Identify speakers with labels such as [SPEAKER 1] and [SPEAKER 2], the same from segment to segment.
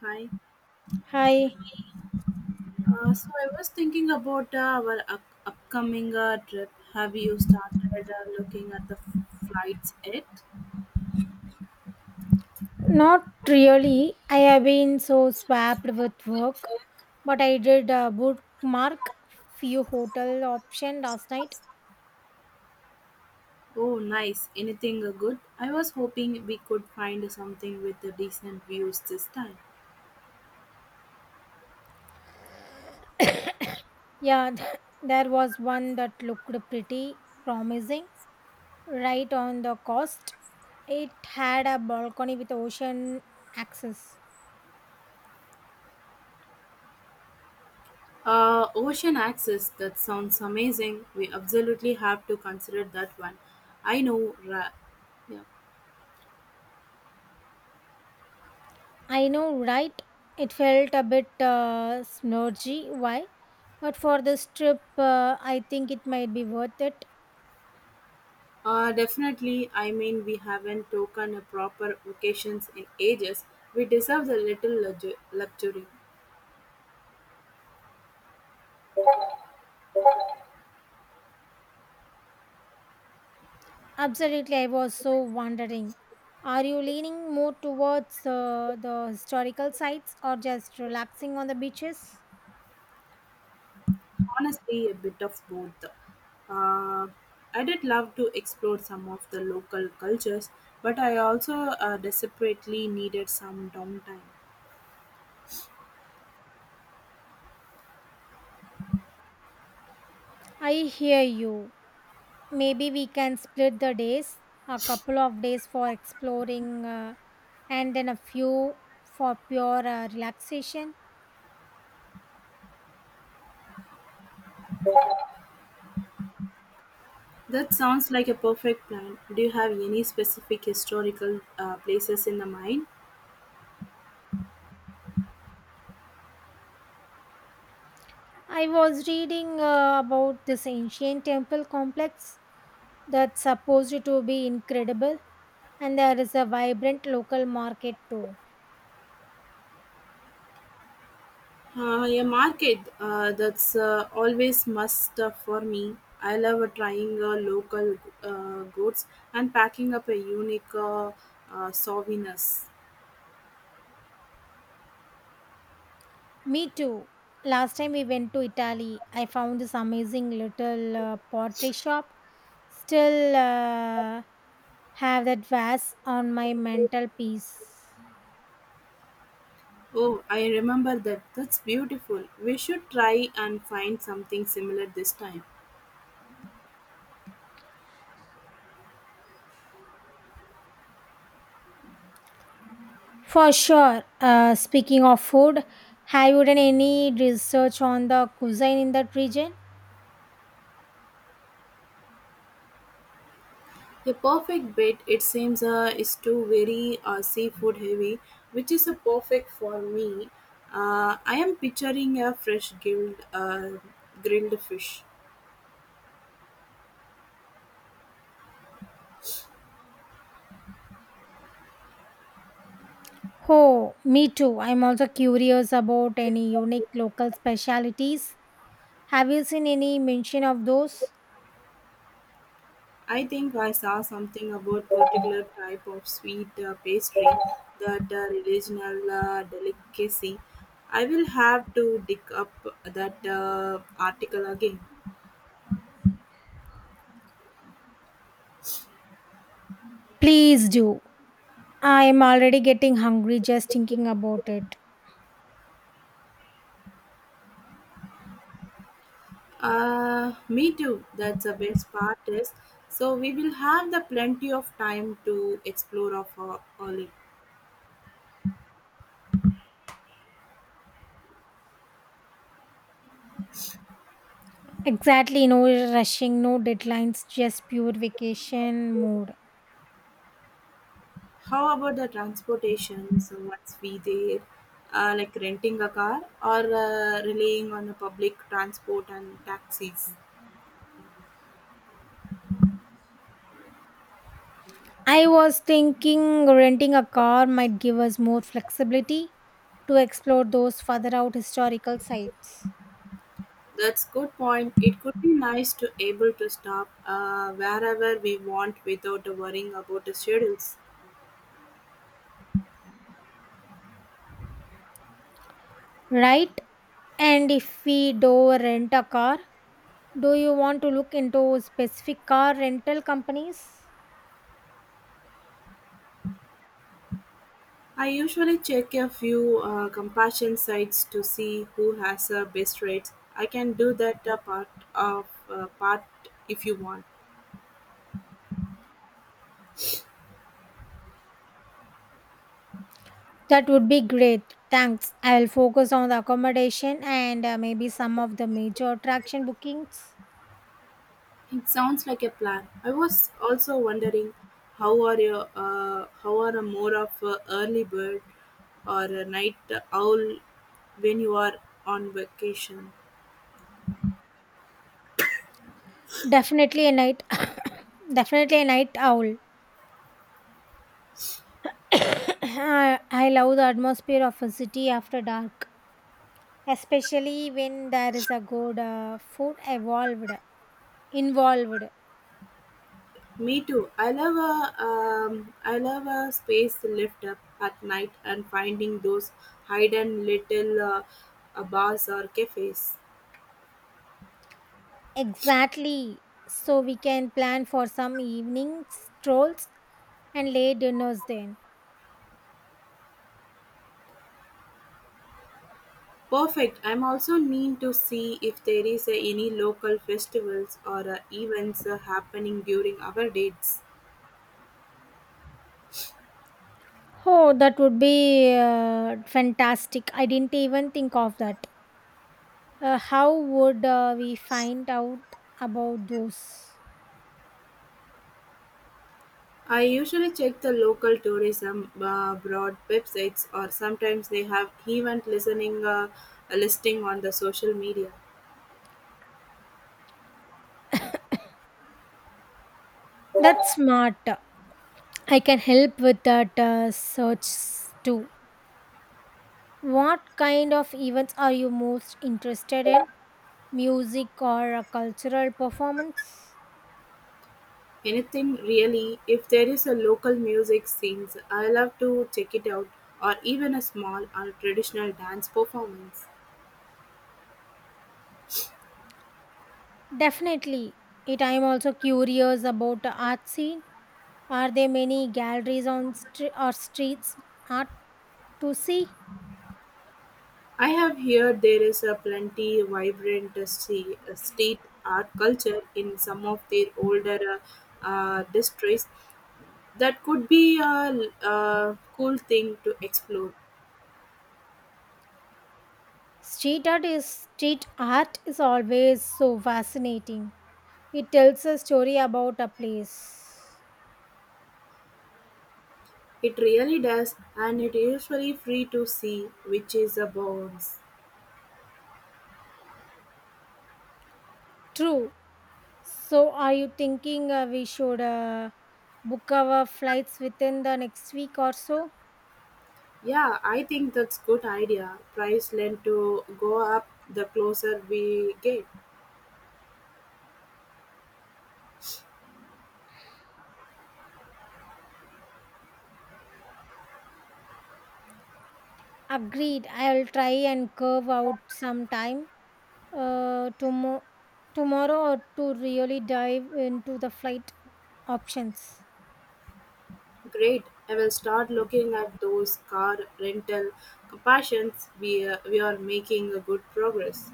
[SPEAKER 1] Hi.
[SPEAKER 2] Hi,
[SPEAKER 1] So I was thinking about our upcoming trip. Have you started looking at the flights yet?
[SPEAKER 2] not really. I have been so swamped with work, but I did bookmark few hotel option last night.
[SPEAKER 1] Oh, nice. Anything good? I was hoping we could find something with the decent views this time.
[SPEAKER 2] Yeah, there was one that looked pretty promising, right on the coast. It had a balcony with ocean access.
[SPEAKER 1] Ocean access. That sounds amazing. We absolutely have to consider that one. I know. Yeah.
[SPEAKER 2] I know, right? It felt a bit splurgy. Why? But for this trip, I think it might be worth it.
[SPEAKER 1] Definitely. I mean, we haven't taken a proper vacations in ages. We deserve a little luxury.
[SPEAKER 2] Absolutely, I was so wondering. Are you leaning more towards the historical sites or just relaxing on the beaches?
[SPEAKER 1] Honestly, a bit of both. Uh, I did love to explore some of the local cultures, but I also desperately needed some downtime.
[SPEAKER 2] I hear you. Maybe we can split the days, a couple of days for exploring and then a few for pure relaxation.
[SPEAKER 1] That sounds like a perfect plan. Do you have any specific historical places in the mind?
[SPEAKER 2] I was reading about this ancient temple complex that's supposed to be incredible, and there is a vibrant local market too.
[SPEAKER 1] A market that's always must for me. I love trying local goods and packing up a unique souvenirs.
[SPEAKER 2] Me too. Last time we went to Italy, I found this amazing little pottery shop. Still have that vase on my mental piece.
[SPEAKER 1] Oh, I remember that. That's beautiful. We should try and find something similar this time.
[SPEAKER 2] For sure. Speaking of food, have you done any research on the cuisine in that region?
[SPEAKER 1] The perfect bit, it seems, is too very seafood heavy, which is a perfect for me. I am picturing a fresh grilled fish.
[SPEAKER 2] Oh, me too. I'm also curious about any unique local specialities. Have you seen any mention of those?
[SPEAKER 1] I think I saw something about particular type of sweet pastry, that regional delicacy. I will have to dig up that article again.
[SPEAKER 2] Please do. I'm already getting hungry just thinking about it.
[SPEAKER 1] Me too. That's the best part is so we will have the plenty of time to explore of all it.
[SPEAKER 2] Exactly, no rushing, no deadlines, just pure vacation mode.
[SPEAKER 1] How about the transportation? So once we there, like renting a car or relying on the public transport and taxis.
[SPEAKER 2] I was thinking renting a car might give us more flexibility to explore those further out historical sites.
[SPEAKER 1] That's good point. It could be nice to able to stop wherever we want without worrying about the schedules.
[SPEAKER 2] Right? And if we do rent a car, do you want to look into specific car rental companies?
[SPEAKER 1] I usually check a few compassion sites to see who has the best rates. I can do that part if you want.
[SPEAKER 2] That would be great. Thanks. I will focus on the accommodation and maybe some of the major attraction bookings.
[SPEAKER 1] It sounds like a plan. I was also wondering how are you how are a more of a early bird or a night owl when you are on vacation.
[SPEAKER 2] Definitely a night definitely a night owl. I love the atmosphere of a city after dark, especially when there is a good food evolved involved.
[SPEAKER 1] Me too. I love a space lift up at night and finding those hidden little bars or cafes.
[SPEAKER 2] Exactly. So we can plan for some evening strolls and late dinners then.
[SPEAKER 1] Perfect. I'm also need to see if there is any local festivals or events happening during our dates.
[SPEAKER 2] Oh, that would be fantastic. I didn't even think of that. How would we find out about those?
[SPEAKER 1] I usually check the local tourism broad websites or sometimes they have event listening listing on the social media.
[SPEAKER 2] That's smart. I can help with that search too. What kind of events are you most interested in? Music or a cultural performance?
[SPEAKER 1] Anything really, if there is a local music scenes I love to check it out or even a small or traditional dance performance.
[SPEAKER 2] Definitely. It I'm also curious about the art scene. Are there many galleries on streets art to see?
[SPEAKER 1] I have heard there is a plenty vibrant street art culture in some of their older districts that could be a cool thing to explore.
[SPEAKER 2] Street art is always so fascinating. It tells a story about a place.
[SPEAKER 1] It really does and it is usually free to see which is a bonus.
[SPEAKER 2] True. So, are you thinking we should book our flights within the next week or so?
[SPEAKER 1] Yeah, I think that's good idea. Price lend to go up the closer we get.
[SPEAKER 2] Agreed. I'll try and curve out some time uh, tomo- tomorrow to really dive into the flight options.
[SPEAKER 1] Great. I will start looking at those car rental comparisons. We are making a good progress.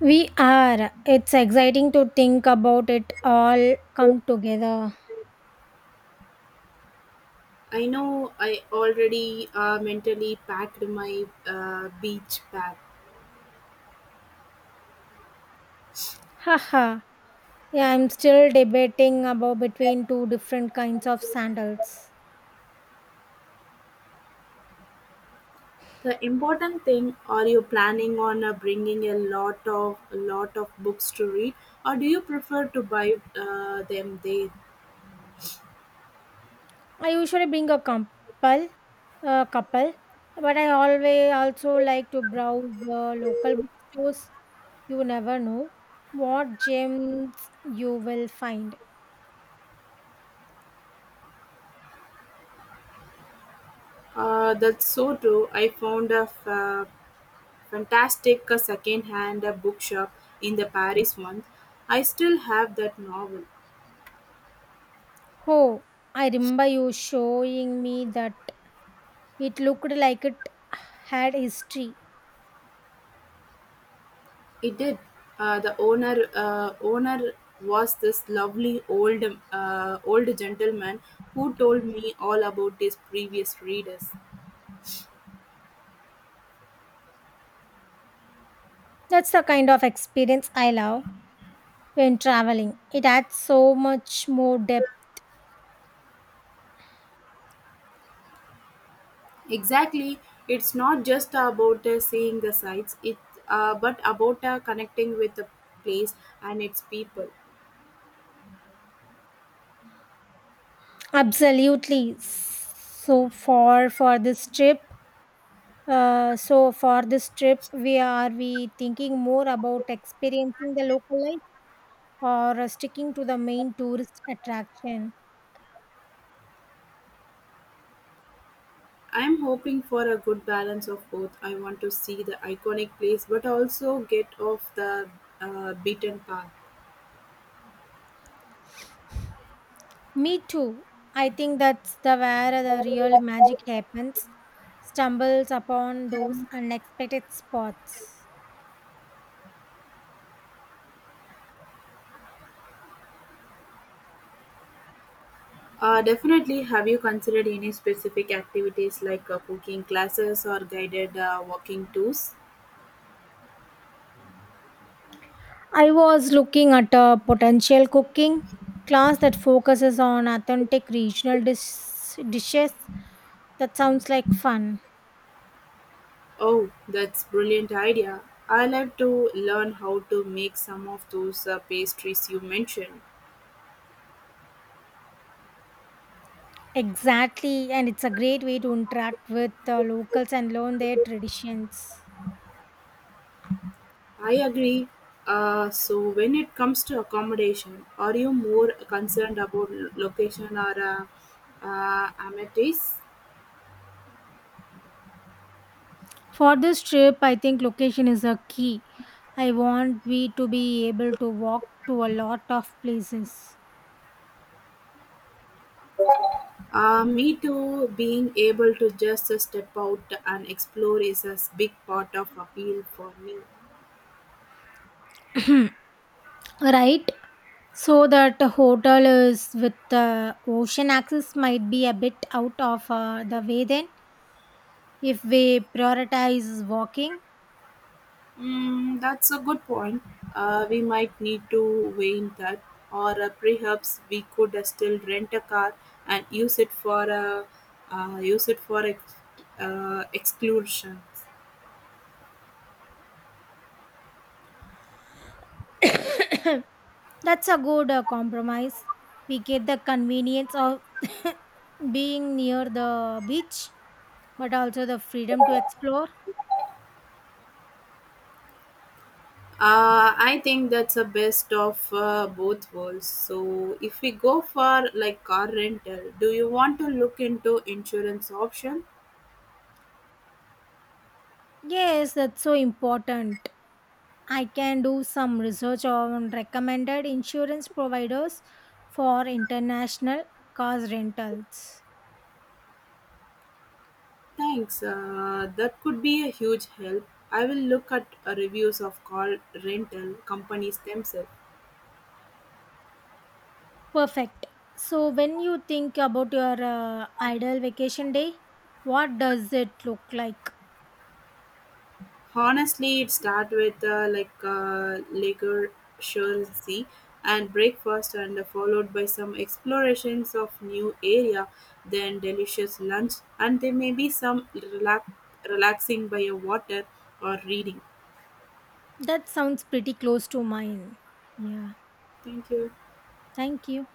[SPEAKER 2] We are. It's exciting to think about it all come together.
[SPEAKER 1] I know I already mentally packed my beach bag.
[SPEAKER 2] Haha. Yeah, I'm still debating about between two different kinds of sandals.
[SPEAKER 1] The important thing are you planning on bringing a lot of books to read or do you prefer to buy them there?
[SPEAKER 2] I usually bring a couple, but I always also like to browse the local bookstores. You never know what gems you will find.
[SPEAKER 1] That's so true. I found a fantastic second-hand bookshop in the Paris once. I still have that novel.
[SPEAKER 2] Oh, I remember you showing me that it looked like it had history.
[SPEAKER 1] It did. The owner was this lovely old gentleman who told me all about his previous readers.
[SPEAKER 2] That's the kind of experience I love when traveling. It adds so much more depth.
[SPEAKER 1] Exactly, it's not just about seeing the sights, it but about connecting with the place and its people.
[SPEAKER 2] Absolutely. So for this trip, we thinking more about experiencing the local life or sticking to the main tourist attraction?
[SPEAKER 1] I'm hoping for a good balance of both. I want to see the iconic place but also get off the beaten path.
[SPEAKER 2] Me too. I think that's the where the real magic happens. Stumbles upon those unexpected spots.
[SPEAKER 1] Definitely, have you considered any specific activities like cooking classes or guided walking tours?
[SPEAKER 2] I was looking at a potential cooking class that focuses on authentic regional dishes. That sounds like fun.
[SPEAKER 1] Oh, that's brilliant idea. I love to learn how to make some of those pastries you mentioned.
[SPEAKER 2] Exactly, and it's a great way to interact with the locals and learn their traditions.
[SPEAKER 1] I agree. So when it comes to accommodation, are you more concerned about location or amenities?
[SPEAKER 2] For this trip, I think location is a key. I want we to be able to walk to a lot of places,
[SPEAKER 1] Me too. Being able to just step out and explore is a big part of appeal for me.
[SPEAKER 2] right? So that the hotel is with the ocean access might be a bit out of the way then if we prioritize walking.
[SPEAKER 1] Mm, that's a good point. We might need to weigh in that, or perhaps we could still rent a car and use it for exclusion.
[SPEAKER 2] That's a good compromise. We get the convenience of being near the beach, but also the freedom to explore.
[SPEAKER 1] I think that's a best of both worlds. So, if we go for like car rental, do you want to look into insurance option?
[SPEAKER 2] Yes, that's so important. I can do some research on recommended insurance providers for international car rentals.
[SPEAKER 1] Thanks. That could be a huge help. I will look at reviews of car rental companies themselves.
[SPEAKER 2] Perfect. So, when you think about your ideal vacation day, what does it look like?
[SPEAKER 1] Honestly, it start with leisure and breakfast, and followed by some explorations of new area, then delicious lunch, and there may be some relaxing by a water or reading.
[SPEAKER 2] That sounds pretty close to mine. Yeah.
[SPEAKER 1] Thank you.
[SPEAKER 2] Thank you.